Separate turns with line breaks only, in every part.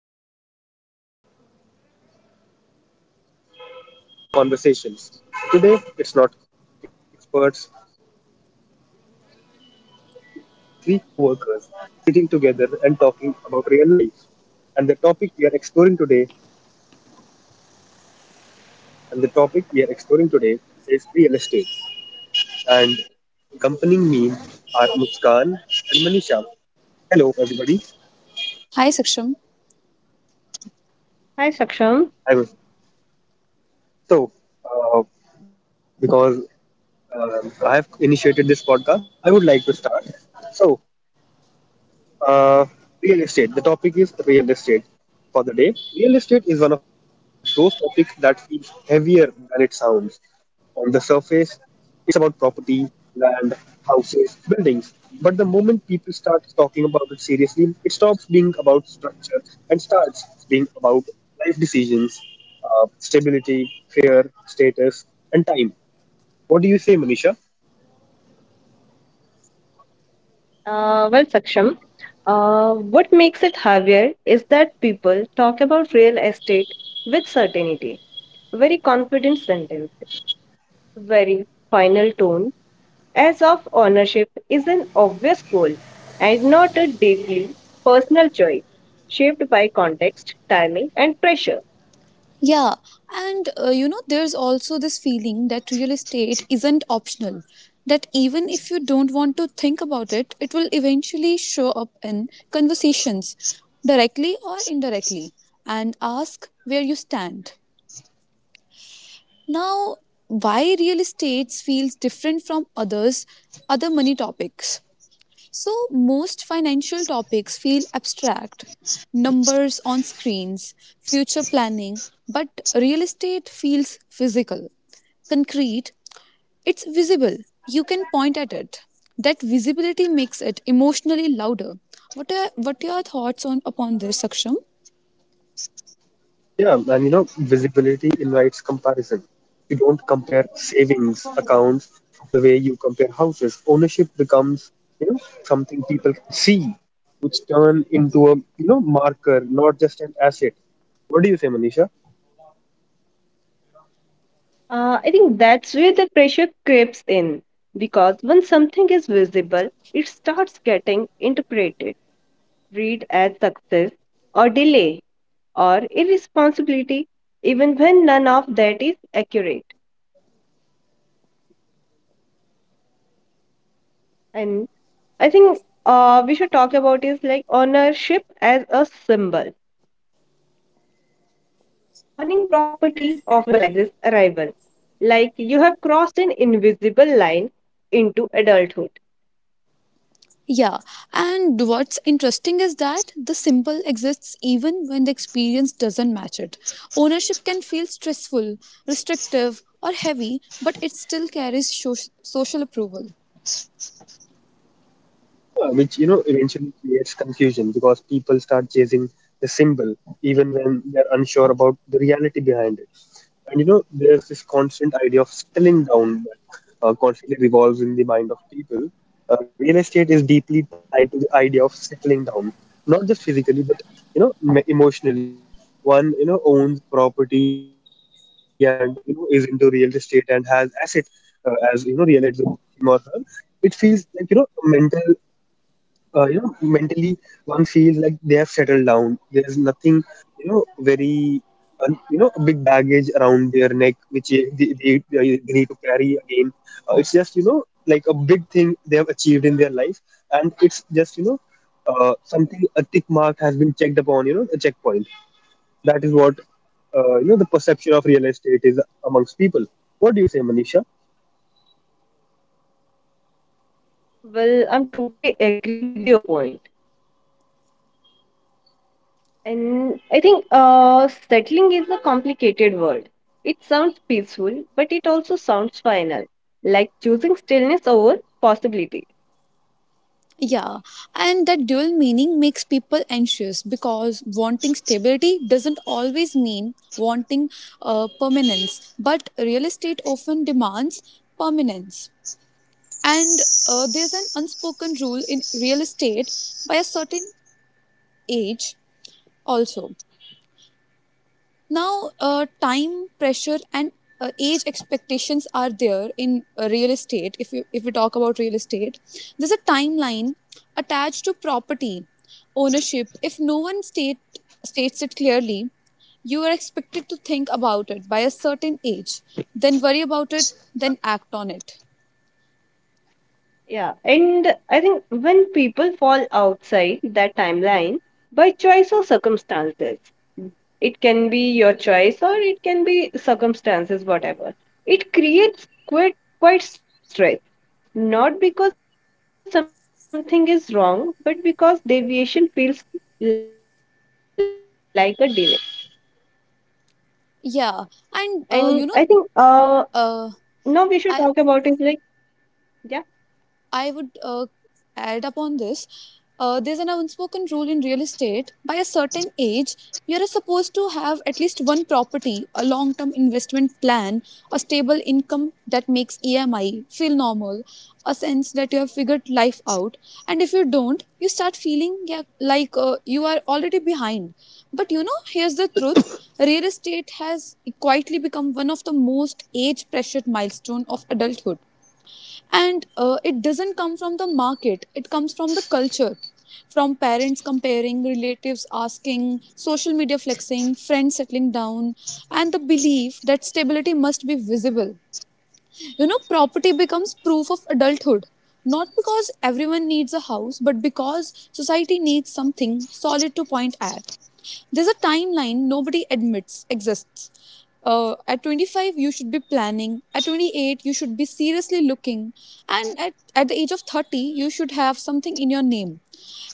everyone. Welcome back to another episode of our podcast, Coffee Break Conversations. Today, it's not experts, not professionals, and not even therapists. It's just three co workers sitting together and talking about real life. And the topic we are exploring today, and the topic we are exploring today is real estate. And accompanying me are Muskan and Manisha. Hello, everybody.
Hi, Saksham.
I was
Hi, Saksham.
so uh, because I have initiated this podcast. I would like to start. So, uh, Real estate. The topic is real estate for the day. Real estate is one of those topics that feels heavier than it sounds. On the surface, it's about property, land, houses, buildings. But the moment people start talking about it seriously, it stops being about structure and starts being about life decisions, stability, fear, status, and time. What do you say, Manisha?
Well, Saksham, what makes it heavier is that people talk about real estate with certainty, very confident very final tone, as of ownership is an obvious goal and not a deeply personal choice shaped by context, timing, and pressure.
Yeah, and there's also this feeling that real estate isn't optional. That even if you don't want to think about it, it will eventually show up in conversations, directly or indirectly, and ask where you stand. Now, why real estate feels different from other money topics? So, most financial topics feel abstract numbers on screens, future planning, but real estate feels physical, concrete, it's visible, you can point at it. That visibility makes it emotionally louder. What are your thoughts on upon this, Saksham?
Yeah, and you know, visibility invites comparison. You don't compare savings accounts the way you compare houses. Ownership becomes, you know, something people can see, which turn into a, you know, marker, not just an asset. What do you say, Manisha?
I think that's where the pressure creeps in because when something is visible, it starts getting interpreted, read as success or delay or irresponsibility, even when none of that is accurate. And I think we should talk about is like ownership as a symbol. Owning property often symbolizes arrival, like you have crossed an invisible line into adulthood.
Yeah, and what's interesting is that the symbol exists even when the experience doesn't match it. Ownership can feel stressful, restrictive, or heavy, but it still carries social approval.
Which you know eventually creates confusion because people start chasing the symbol even when they're unsure about the reality behind it. And you know there's this constant idea of settling down that constantly revolves in the mind of people. Real estate is deeply tied to the idea of settling down, not just physically but you know emotionally. When one you know owns property and you know is into real estate and has asset, as you know real estate with him or her, it feels like you know a mental, you know, mentally, one feels like they have settled down. There's nothing you know very you know big baggage around their neck which they need to carry again. It's just you know like a big thing they have achieved in their life. And it's just you know something, a tick mark has been checked upon, you know, a checkpoint. That is what you know the perception of real estate is amongst people. What do you say, Manisha?
Well, I'm totally agree with your point. And I think settling is a complicated word. It sounds peaceful, but it also sounds final, like choosing stillness over possibility.
Yeah, and that dual meaning makes people anxious because wanting stability doesn't always mean wanting permanence, but real estate often demands permanence. And there's an unspoken rule in real estate by a certain age also. Now, time pressure and age expectations are there in real estate. If we talk about real estate, there's a timeline attached to property ownership. If no one states it clearly, you are expected to think about it by a certain age, then worry about it, then act on it.
Yeah, and I think when people fall outside that timeline by choice or circumstances, it can be your choice or it can be circumstances, whatever. It creates quite stress, not because something is wrong, but because deviation feels like a delay. And I
Yeah,
think
and
now we should
uh,
talk about is like
I
yeah,
I would add upon this. There's an unspoken rule in real estate. By a certain age, you're supposed to have at least one property, a long term investment plan, a stable income that makes EMI feel normal, a sense that you have figured life out. And if you don't, you start feeling, yeah, like you are already behind. But here's the truth. Real estate has quietly become one of the most age pressured milestones of adulthood, and it doesn't come from the market, it comes from the culture, from parents comparing, relatives asking, social media flexing, friends settling down, and the belief that stability must be visible. Property becomes proof of adulthood. Not because everyone needs a house, but because society needs something solid to point at. There's a timeline nobody admits exists. At 25, you should be planning. At 28, you should be seriously looking. And at the age of 30, you should have something in your name.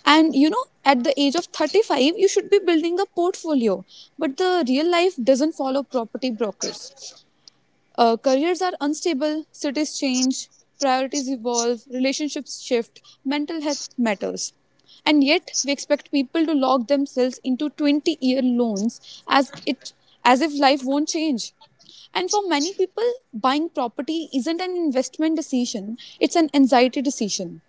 And at the age of 35, you should be building a portfolio. But the real life doesn't follow property brokers. Careers are unstable, cities change, priorities evolve, relationships shift, mental health matters. And yet, we expect people to lock themselves into 20-year loans, as if life won't change. And for many people, buying property isn't an investment decision, it's an anxiety decision.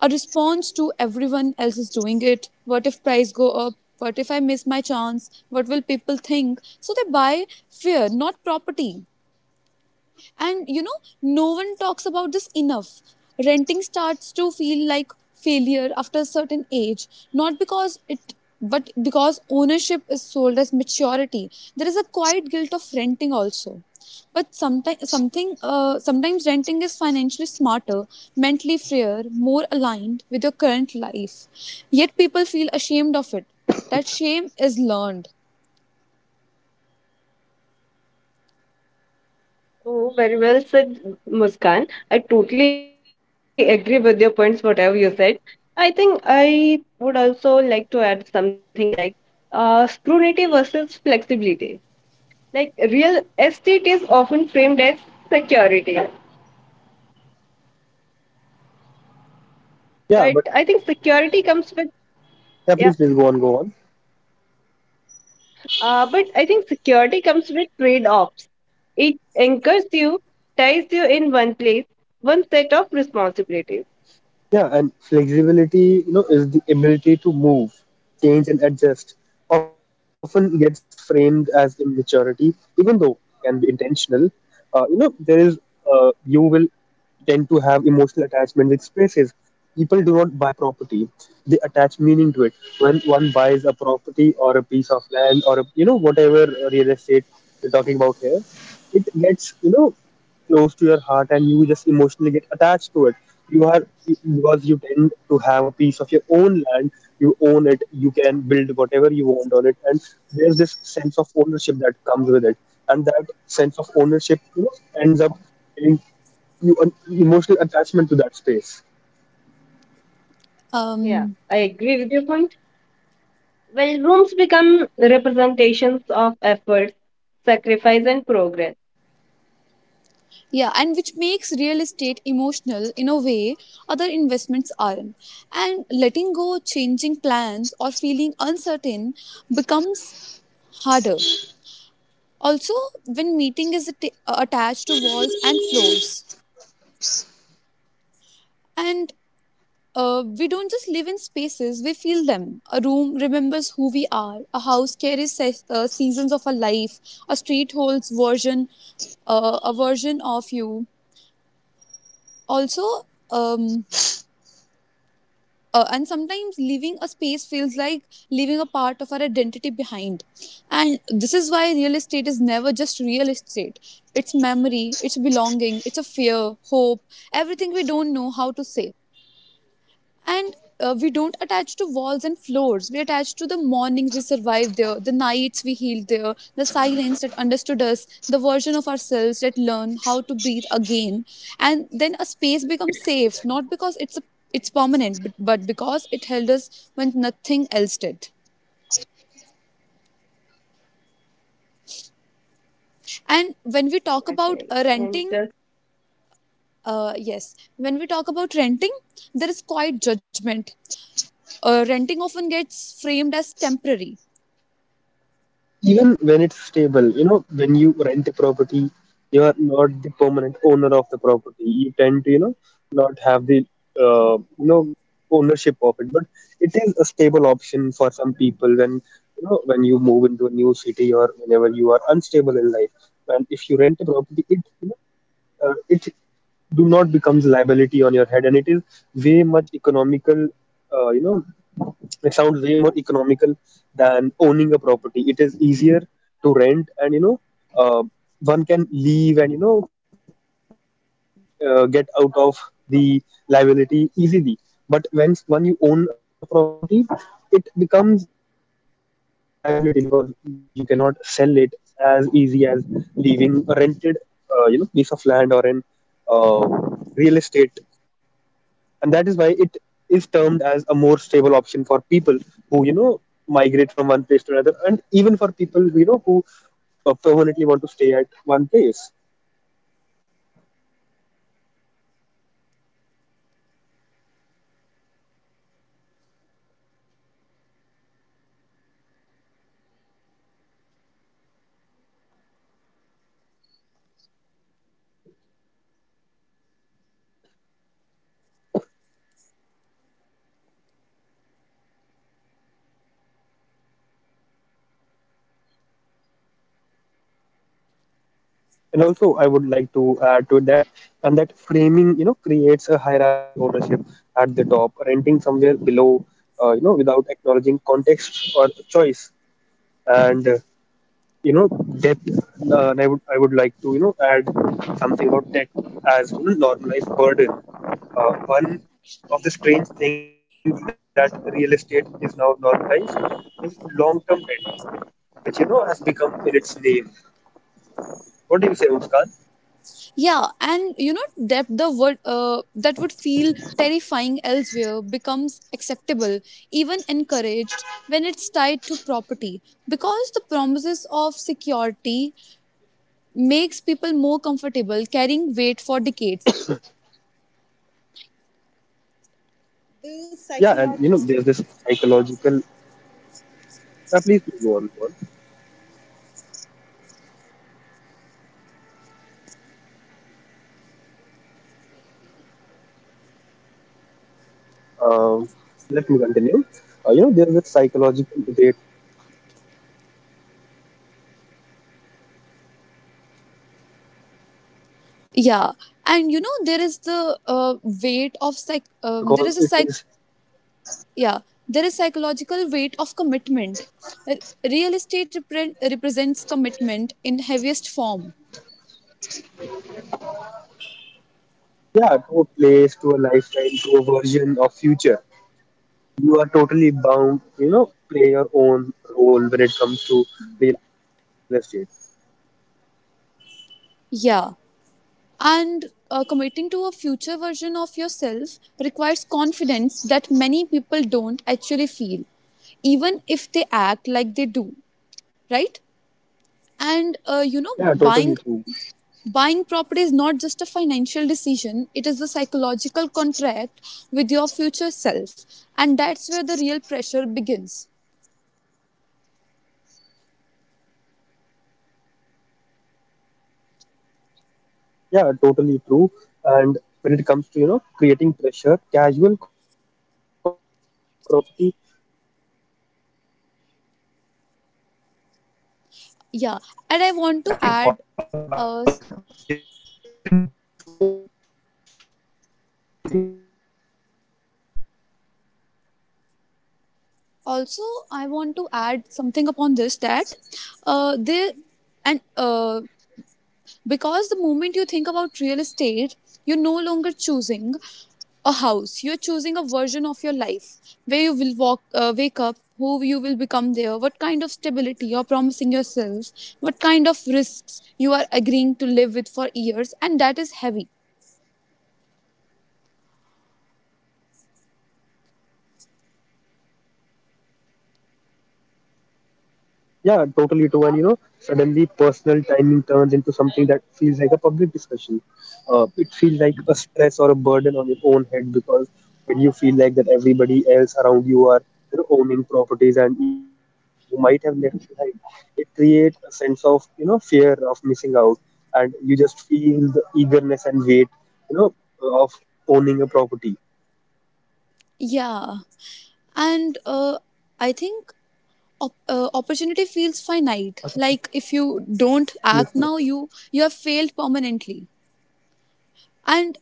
A response to everyone else is doing it. What if price go up? What if I miss my chance? What will people think? So they buy fear, not property. And no one talks about this enough. Renting starts to feel like failure after a certain age, not because it, but because ownership is sold as maturity. There is a quiet guilt of renting also. But sometimes, sometimes renting is financially smarter, mentally freer, more aligned with your current life. Yet people feel ashamed of it. That shame is learned.
oh very well said, Muskan. I totally agree with your points, whatever you said. I think I would also like to add something like scrutiny versus flexibility. Like real estate is often framed as security.
Yeah, but
But think security comes with
yeah,
yeah,
please, please go on, go on.
but I think security comes with trade-offs. It anchors you, ties you in one place, one set of responsibilities.
Yeah, and flexibility, you know, is the ability to move, change, and adjust. Often gets framed as immaturity, even though it can be intentional. You know, there is you will tend to have emotional attachment with spaces. People do not buy property; they attach meaning to it. When one buys a property or a piece of land or a, you know, whatever real estate we're talking about here, it gets you know close to your heart, and you just emotionally get attached to it. You are because you tend to have a piece of your own land. You own it. You can build whatever you want on it, and there's this sense of ownership that comes with it, and that sense of ownership you know ends up you an emotional attachment to that space,
Um,
Yeah, I agree with your point. Well, rooms become representations of efforts, sacrifice, and progress.
Yeah, and which makes real estate emotional in a way other investments aren't. And letting go, changing plans, or feeling uncertain becomes harder. Also, when meeting is attached to walls and floors, and we don't just live in spaces, we feel them. A room remembers who we are, a house carries seasons of our life, a street holds a version of you. Also, um, and sometimes leaving a space feels like leaving a part of our identity behind. And this is why real estate is never just real estate, it's memory, it's belonging, it's a fear, hope, everything we don't know how to say. And we don't attach to walls and floors, we attach to the mornings we survived there, the nights we healed there, the silence that understood us, the version of ourselves that learned how to breathe again. And then a space becomes safe, not because it's permanent, but because it held us when nothing else did.
Okay,
And when
and
we talk about renting, yes, when we talk about renting, there is quite judgment. Renting often gets
yeah,
framed as temporary.
uh,
even when it's stable. You know when
renting
you
I think
rent a
often
property,
gets framed
you are
as
not the
temporary,
permanent owner of the property. You tend to you know not have the you know ownership of it, but it is a stable option for some people. When you know when you move into a new city or whenever you are unstable in life and if you rent a property it you know it do not becomes liability on your head, and it is way much economical. You know, it sounds way more economical than owning a property. It is easier to rent, and you know uh, one can leave and you know get out of the liability easily. But when you own a property, it becomes a sort of liability, because you cannot sell it as easy as leaving a rented you know piece of land or an uh, real estate, and that is why it is termed as a more stable option for people who you know migrate from one place to another, and even for people you know who permanently want to stay at one place.
and that framing creates a hierarchy. Ownership at the top, renting somewhere below, without acknowledging context or a
And also,
choice.
I would like to add to that,
And
and that framing you
there
know
is a point
creates a
like that
hierarchy:
as a
ownership at the top,
normalized
renting
burden.
somewhere below, you know, without
One
acknowledging
of the strange
context or
thing about real
choice,
estate is how
and
normalized
you know
long-term debt
debt. And
become
I would like to
in
you know
its
add
name.
something about debt as you know, normalized burden. One of the strange things that real estate is now normalized is long-term debt, which you know has become in its name. What do you say, Muskan?
Yeah, and that
One
the
of
word that would feel
debt that would
terrifying
feel
elsewhere
terrifying
becomes
elsewhere become
acceptable, even
acceptable, even
encouraged, when it's
encouraged,
tied to
when it's
property,
tied to
because the
property.
promises of security makes people more comfortable carrying weight for decades.
Yeah, and you know there's this
The
psychological.
psychological weight of
Now, please, please
commitment
go
can
on.
be
Go
the
on.
next point. Yeah, and I think real estate represents commitment in its heaviest form.
Um, Let me continue. You know, there's a psychological weight of commitment. Real estate, you know, represents commitment in its heaviest form. You need to stay, you know,
Yeah,
committed
and
to a
there is
piece of
the
land or you know a
weight of psych.
property,
There
because
is a
it
psych.
is,
Yeah, there is psychological weight of commitment. Real estate represents commitment in heaviest form.
yeah, to a place, to a lifetime, to a version of future. You are totally bound, you know, play your own role when it comes to real estate.
Yeah. And committing to a future version of yourself requires confidence that many people don't actually feel, even if they act like they do, right? And
Yeah,
buying
totally true.
property is not just a financial decision; it is a psychological contract with your future self, and that's where the real pressure begins.
Yeah, totally true. And when it comes to, you know, creating pressure, casual conversations about property often creates pressure without intending to. Because the simple question becomes loaded. Have you thought
Yeah,
about
and I
buying?
want to add
Isn't isn't
uh,
it better to own? Yeah, please, please.
also something upon this that they and Because the moment you think about real estate, you're no longer choosing a house. You're choosing a version of your life where you will walk, wake up, who you will become there, what kind of stability you're promising yourself, what kind of risks you are agreeing to live with for years, and that is heavy.
Yeah, totally true. And you know, suddenly personal timing turns into something that feels like a public discussion. It feels like a stress or a burden on your own head because when you feel like that everybody else around you are you know, owning properties and you are the only one who might have left behind, it creates a sense of you know fear of missing out, and you just feel the eagerness and weight you know of owning a property.
Yeah, and I think opportunity feels finite. Like if you don't act now, you have failed permanently. And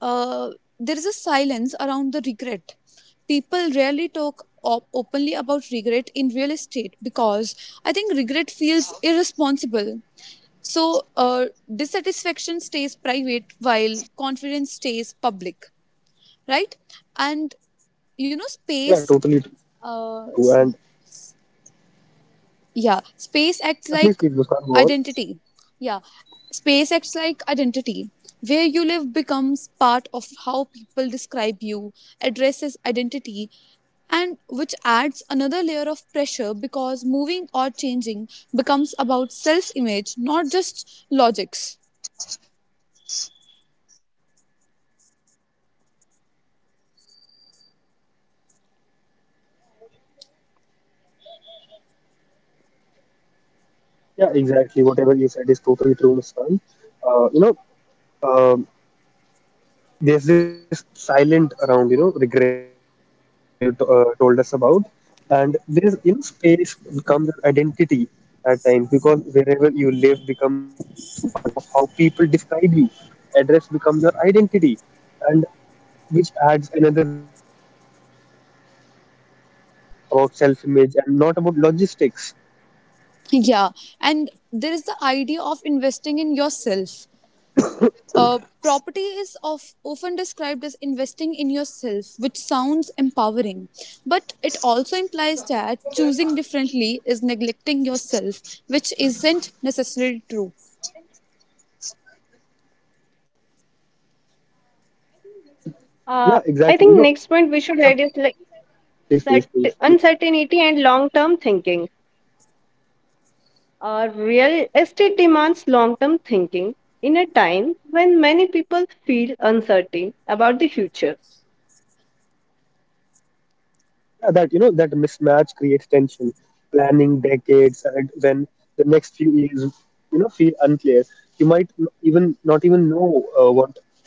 uh, there is a silence around the regret. People rarely talk openly about regret in real estate because I think regret feels irresponsible. So, dissatisfaction stays private while confidence stays public, right? And
Yeah,
space.
totally true. And
Uh, yeah, space acts
please,
like
please, Muskan, go on.
identity. Yeah, space acts like identity. Where you live becomes part of how people describe you, addresses identity, and which adds another layer of pressure because moving or changing becomes about self image, not just logics.
Yeah, exactly. Whatever you said is totally true, Muskan. You know, um, there's this silent around, you know, regret at whatever you t told us about. And there's, you know, space becomes an identity at times because wherever you live becomes part of how people describe you. Address becomes your identity, and which adds another layer of pressure by moving or changing becomes about self-image and not about logistics.
Yeah, and there is the idea of investing in yourself. Property is often described as investing in yourself, which sounds empowering, but it also implies that choosing differently is neglecting yourself, which isn't necessarily true.
Uh,
Yeah,
I think
exactly. You
next
know,
point we should add is
yep. Please,
like
please,
that
please.
uncertainty and long-term thinking. Real estate demands long-term thinking in a time when many people feel uncertain about the future.
Yeah, that you know that mismatch creates tension planning decades ahead when the next few years you know feel unclear. You might even not even know what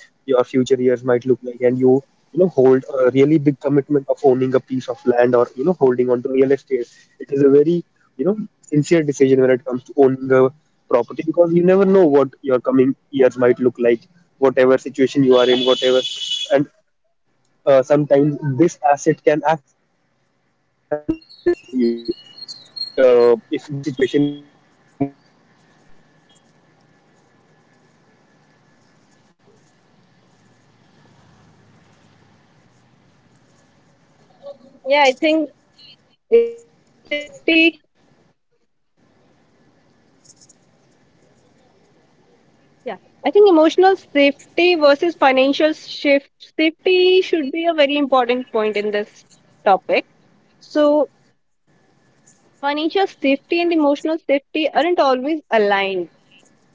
your future years might look like, and you know hold a really big commitment of owning a piece of land or you know holding on to real estate. It is a very you know sincere decision when it comes to owning a property, because you never know what your coming years might look like, whatever situation you are in, whatever. And sometimes this asset can act as a liability to you if the situation is not in your favor.
Yeah, I think emotional safety. Yeah, I think emotional safety versus financial shift safety should be a very important point in this topic. So, financial safety and emotional safety aren't always aligned.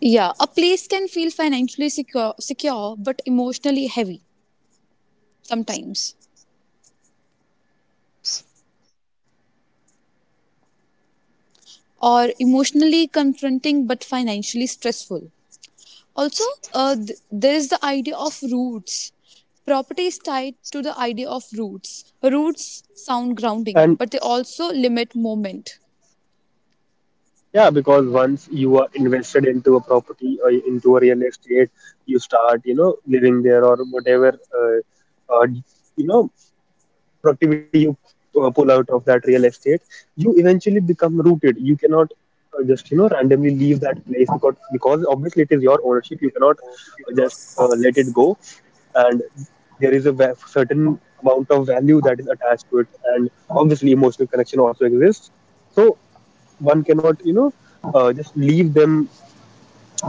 Yeah, a place can feel financially secure but emotionally heavy sometimes, or emotionally confronting but financially stressful. Also, there is the idea of roots. Property is tied to the idea of roots. Roots sound grounding,
And
but they also limit movement.
yeah, because once you are invested into a property or into a real estate, you start, you know, living there or whatever, uh, uh, you know, productivity you pull out of that real estate. You eventually become rooted. You cannot just you know randomly leave that place, because obviously it is your ownership. You cannot just let it go, and there is a certain amount of value that is attached to it, and obviously emotional connection also exists. So one cannot you know just leave them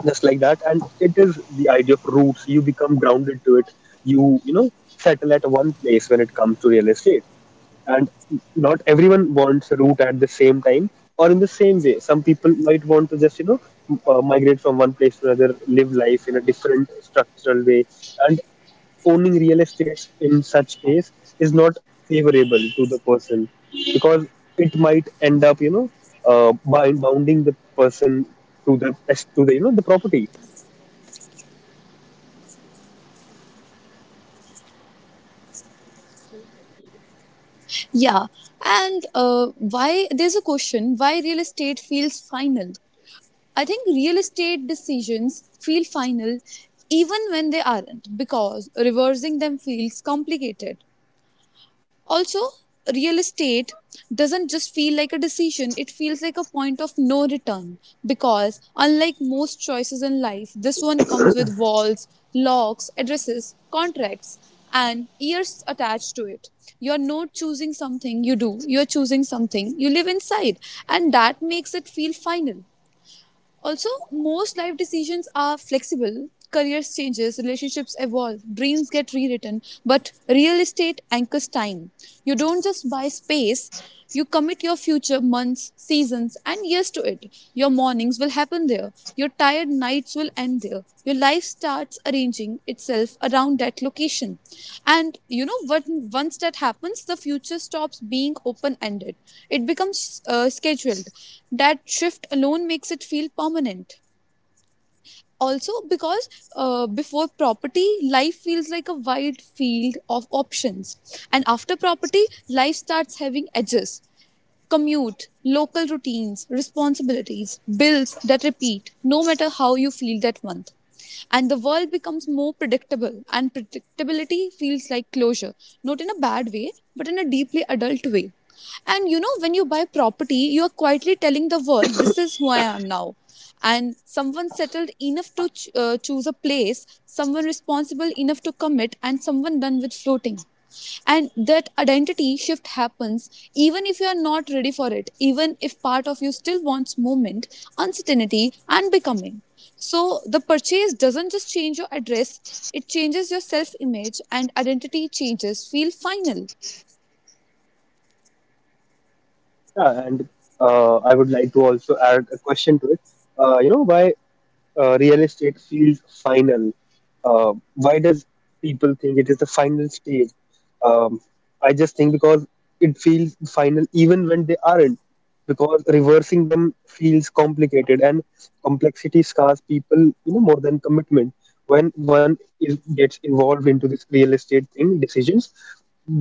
just like that. And it is the idea of roots. You become grounded to it. You know settle at one place when it comes to real estate, and not everyone wants a route at the same time or in the same way. Some people might want to just you know migrate from one place to another, live life in a different structural way, and owning real estates in such case is not favorable to the person, because it might end up you know by bounding the person to the to the you know the property.
Yeah, and why there's a question why real estate feels final. I think real estate decisions feel final even when they aren't because reversing them feels complicated. Also, real estate doesn't just feel like a decision, it feels like a point of no return because, unlike most choices in life, this one comes with walls, locks, addresses, contracts, and years attached to it. You're not choosing something you do, you're choosing something you live inside, and that makes it feel final. Also, most life decisions are flexible. Careers changes, relationships evolve, dreams get rewritten, but real estate anchors time. You don't just buy space, you commit your future months, seasons, and years to it. Your mornings will happen there. Your tired nights will end there. Your life starts arranging itself around that location. And once that happens, the future stops being open ended. It becomes scheduled. That shift alone makes it feel permanent, also because before property, life feels like a wide field of options, and after property, life starts having edges: commute, local routines, responsibilities, bills that repeat no matter how you feel that month. And the world becomes more predictable, and predictability feels like closure, not in a bad way but in a deeply adult way. And when you buy property, you are quietly telling the world this is who I am now, and someone settled enough to choose a place, someone responsible enough to commit, and someone done with floating. And that identity shift happens even if you are not ready for it, even if part of you still wants movement, uncertainty, and becoming. So the purchase doesn't just change your address, it changes your self image, and identity changes feel final.
Yeah, and I would like to also add a question to it. You know, by real estate feels final. Why does people think it is the final stage? Um, I just think because it feels final even when they aren't, because reversing them feels complicated, and complexity scars people, you know, more than commitment. When one is, gets involved into this real estate thing, decisions,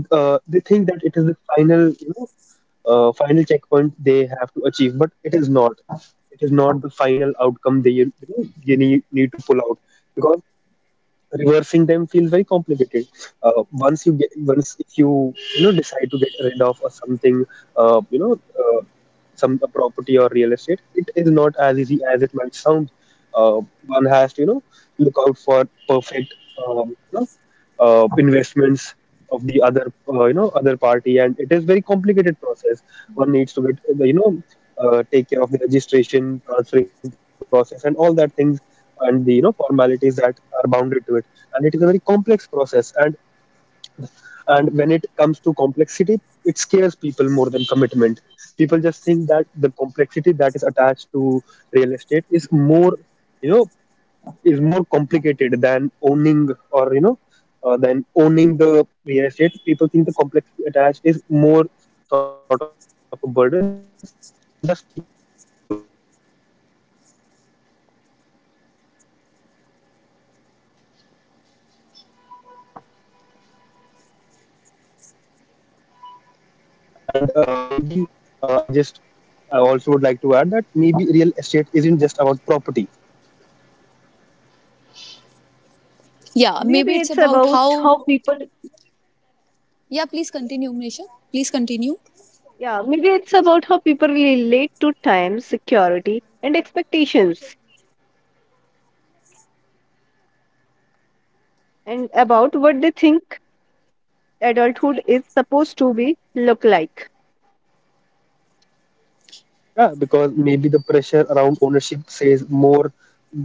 they think that it is the final, you know, final checkpoint they have to achieve, but it is not. It is not the final outcome they need to pull out because reversing them feels very complicated. Once you get, once, if you you know decide to get rid of or something, some, a property or real estate, it is not as easy as it might sound. uh, One has to, look out for perfect, um, you know, investments of the other, other party, and it is very complicated process. One needs to get the, take care of the registration transferring process and all that things, and the formalities that are bounded to it. And it is a very complex process, and when it comes to complexity, it scares people more than commitment. People just think that the complexity that is attached to real estate is more, you know is more complicated than owning, or than owning the real estate. People think the complexity attached is more sort of a burden, and thus people pull out of it and tend to avoid it. And maybe uh, i just I also would like to add that maybe real estate isn't just about property.
Yeah,
Maybe it's
maybe it's
about
about
how
how.
people.
Yeah, please continue, Misha. Please continue.
Yeah, maybe it's about how people relate to time, security, and expectations, and about what they think adulthood is supposed to be look like.
Yeah, because maybe the pressure around ownership says more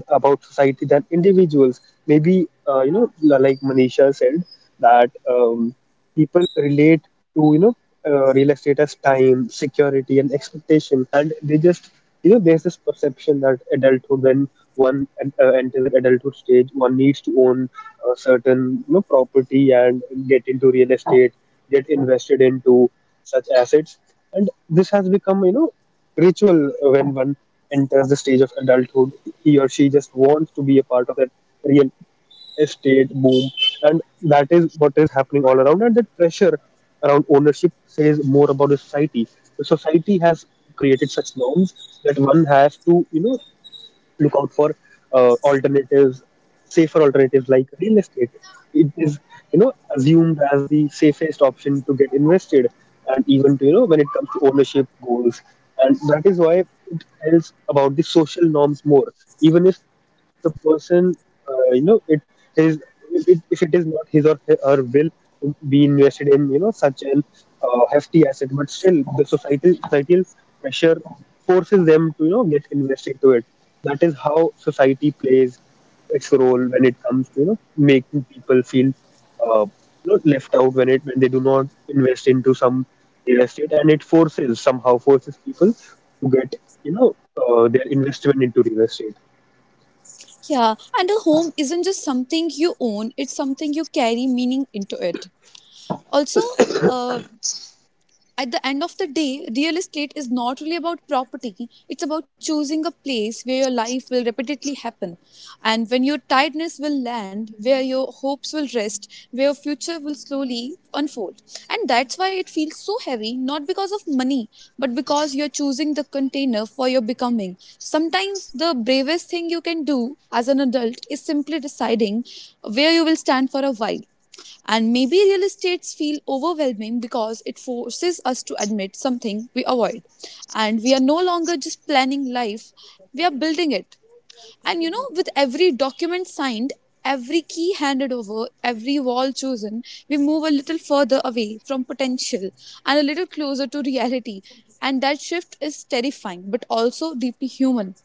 about society than individuals. Maybe, like Manisha said, that people relate to, real estate as time, security, and expectation. And they just, there's this perception that adulthood, when one enters their adulthood stage, one needs to own a certain, property and get into real estate, get invested into such acids. And this has become, ritual. When one enters the stage of adulthood, he or she just wants to be a part of that real estate boom. And that is what is happening all around, and that pressure around ownership says more about the society. The society has created such norms that one has to, look out for alternatives, safer alternatives like real estate. It is assumed as the safest option to get invested, and even to, when it comes to ownership goals. And that is why it tells about the social norms more, even if the person, it is, if it is not his or her will to be invested in, such an hefty asset. But still the societal pressure forces them to, get invested to it. That is how society plays its role when it comes to, making people feel uh, not left out when it, when they do not invest into some real estate. And it forces, somehow forces people to get, you know their investment into real estate.
Yeah, and a home isn't just something you own, it's something you carry meaning into it. Also, uh, at the end of the day, real estate is not really about property. It's about choosing a place where your life will repeatedly happen. And when your tiredness will land, where your hopes will rest, where your future will slowly unfold. And that's why it feels so heavy, not because of money, but because you're choosing the container for your becoming. Sometimes the bravest thing you can do as an adult is simply deciding where you will stand for a while, and maybe real estates feel overwhelming because it forces us to admit something we avoid. And we are no longer just planning life, we are building it. And with every document signed, every key handed over, every wall chosen, we move a little further away from potential and a little closer to reality. And that shift is terrifying, but also deeply human.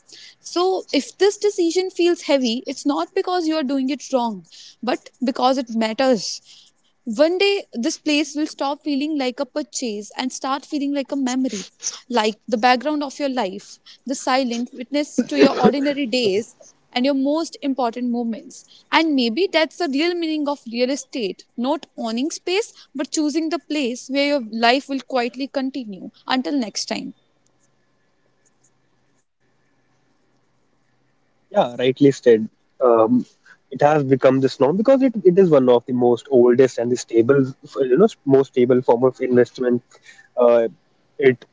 So, if this decision feels heavy, it's not because you are doing it wrong, but because it matters. One day, this place will stop feeling like a purchase and start feeling like a memory, like the background of your life, the silent witness to your ordinary days and your most important moments. And maybe that's the real meaning of real estate, not owning space, but choosing the place where your life will quietly continue. Until next time.
Yeah, rightly said. Um, it has become this norm because it is one of the most oldest and the stable, most stable form of investment. Uh, it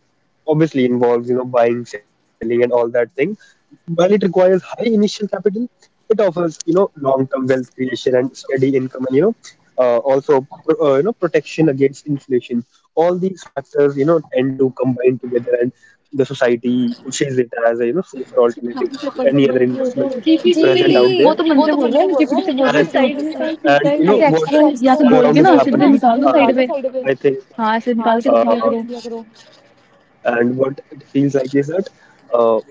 obviously involves, buying, selling, and all that thing. While it requires high initial capital, it offers, long-term wealth creation and steady income, and also, protection against inflation. All these factors, tend to combine together, and the society pushes it as a, safer
अब तो
alternative
शाम
to
से
any
पढ़
other
के बोल रहे हो
investment
तो
present out
जीपीटी
there.
वो तो मन से बोल रहा है, मैं जीपीटी से
And
बोल रही तो हूँ इसलिए। साइड में कहाँ सीखा
you know
है, ऐसे
what,
एक्स्ट्रा यहाँ से
all
बोल
around
के
is
ना सीधे
happening,
निकाल दो साइड पे।
I think
हाँ, ऐसे निकाल के रख
uh,
लिया करो।
and what it feels like is that, uh,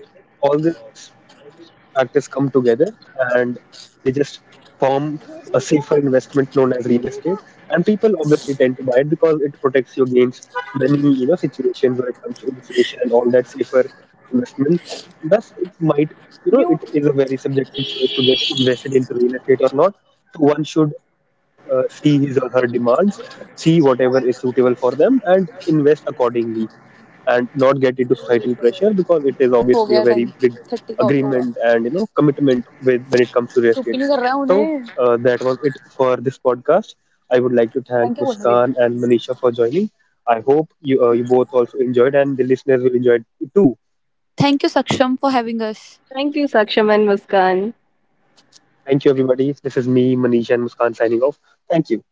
all these factors come together and they just form a safer investment known as real estate. And people obviously tend to buy it because it protects you against many, situations when it comes to inflation and all that safer investment. Thus, it might, it is a very subjective choice to get invested into real estate or not. So one should see his or her demands, see whatever is suitable for them, and invest accordingly, and not get into societal pressure because it is obviously a very big agreement and, commitment with, when it comes to real estate. So that was it for this podcast. I would like to thank Muskan and Manisha for joining. I hope you, you both also enjoyed, and the listeners will enjoy it too.
Thank you, Saksham, for having us.
Thank you Saksham and Muskan.
Thank you everybody. This is me, Manisha and Muskan signing off. Thank you.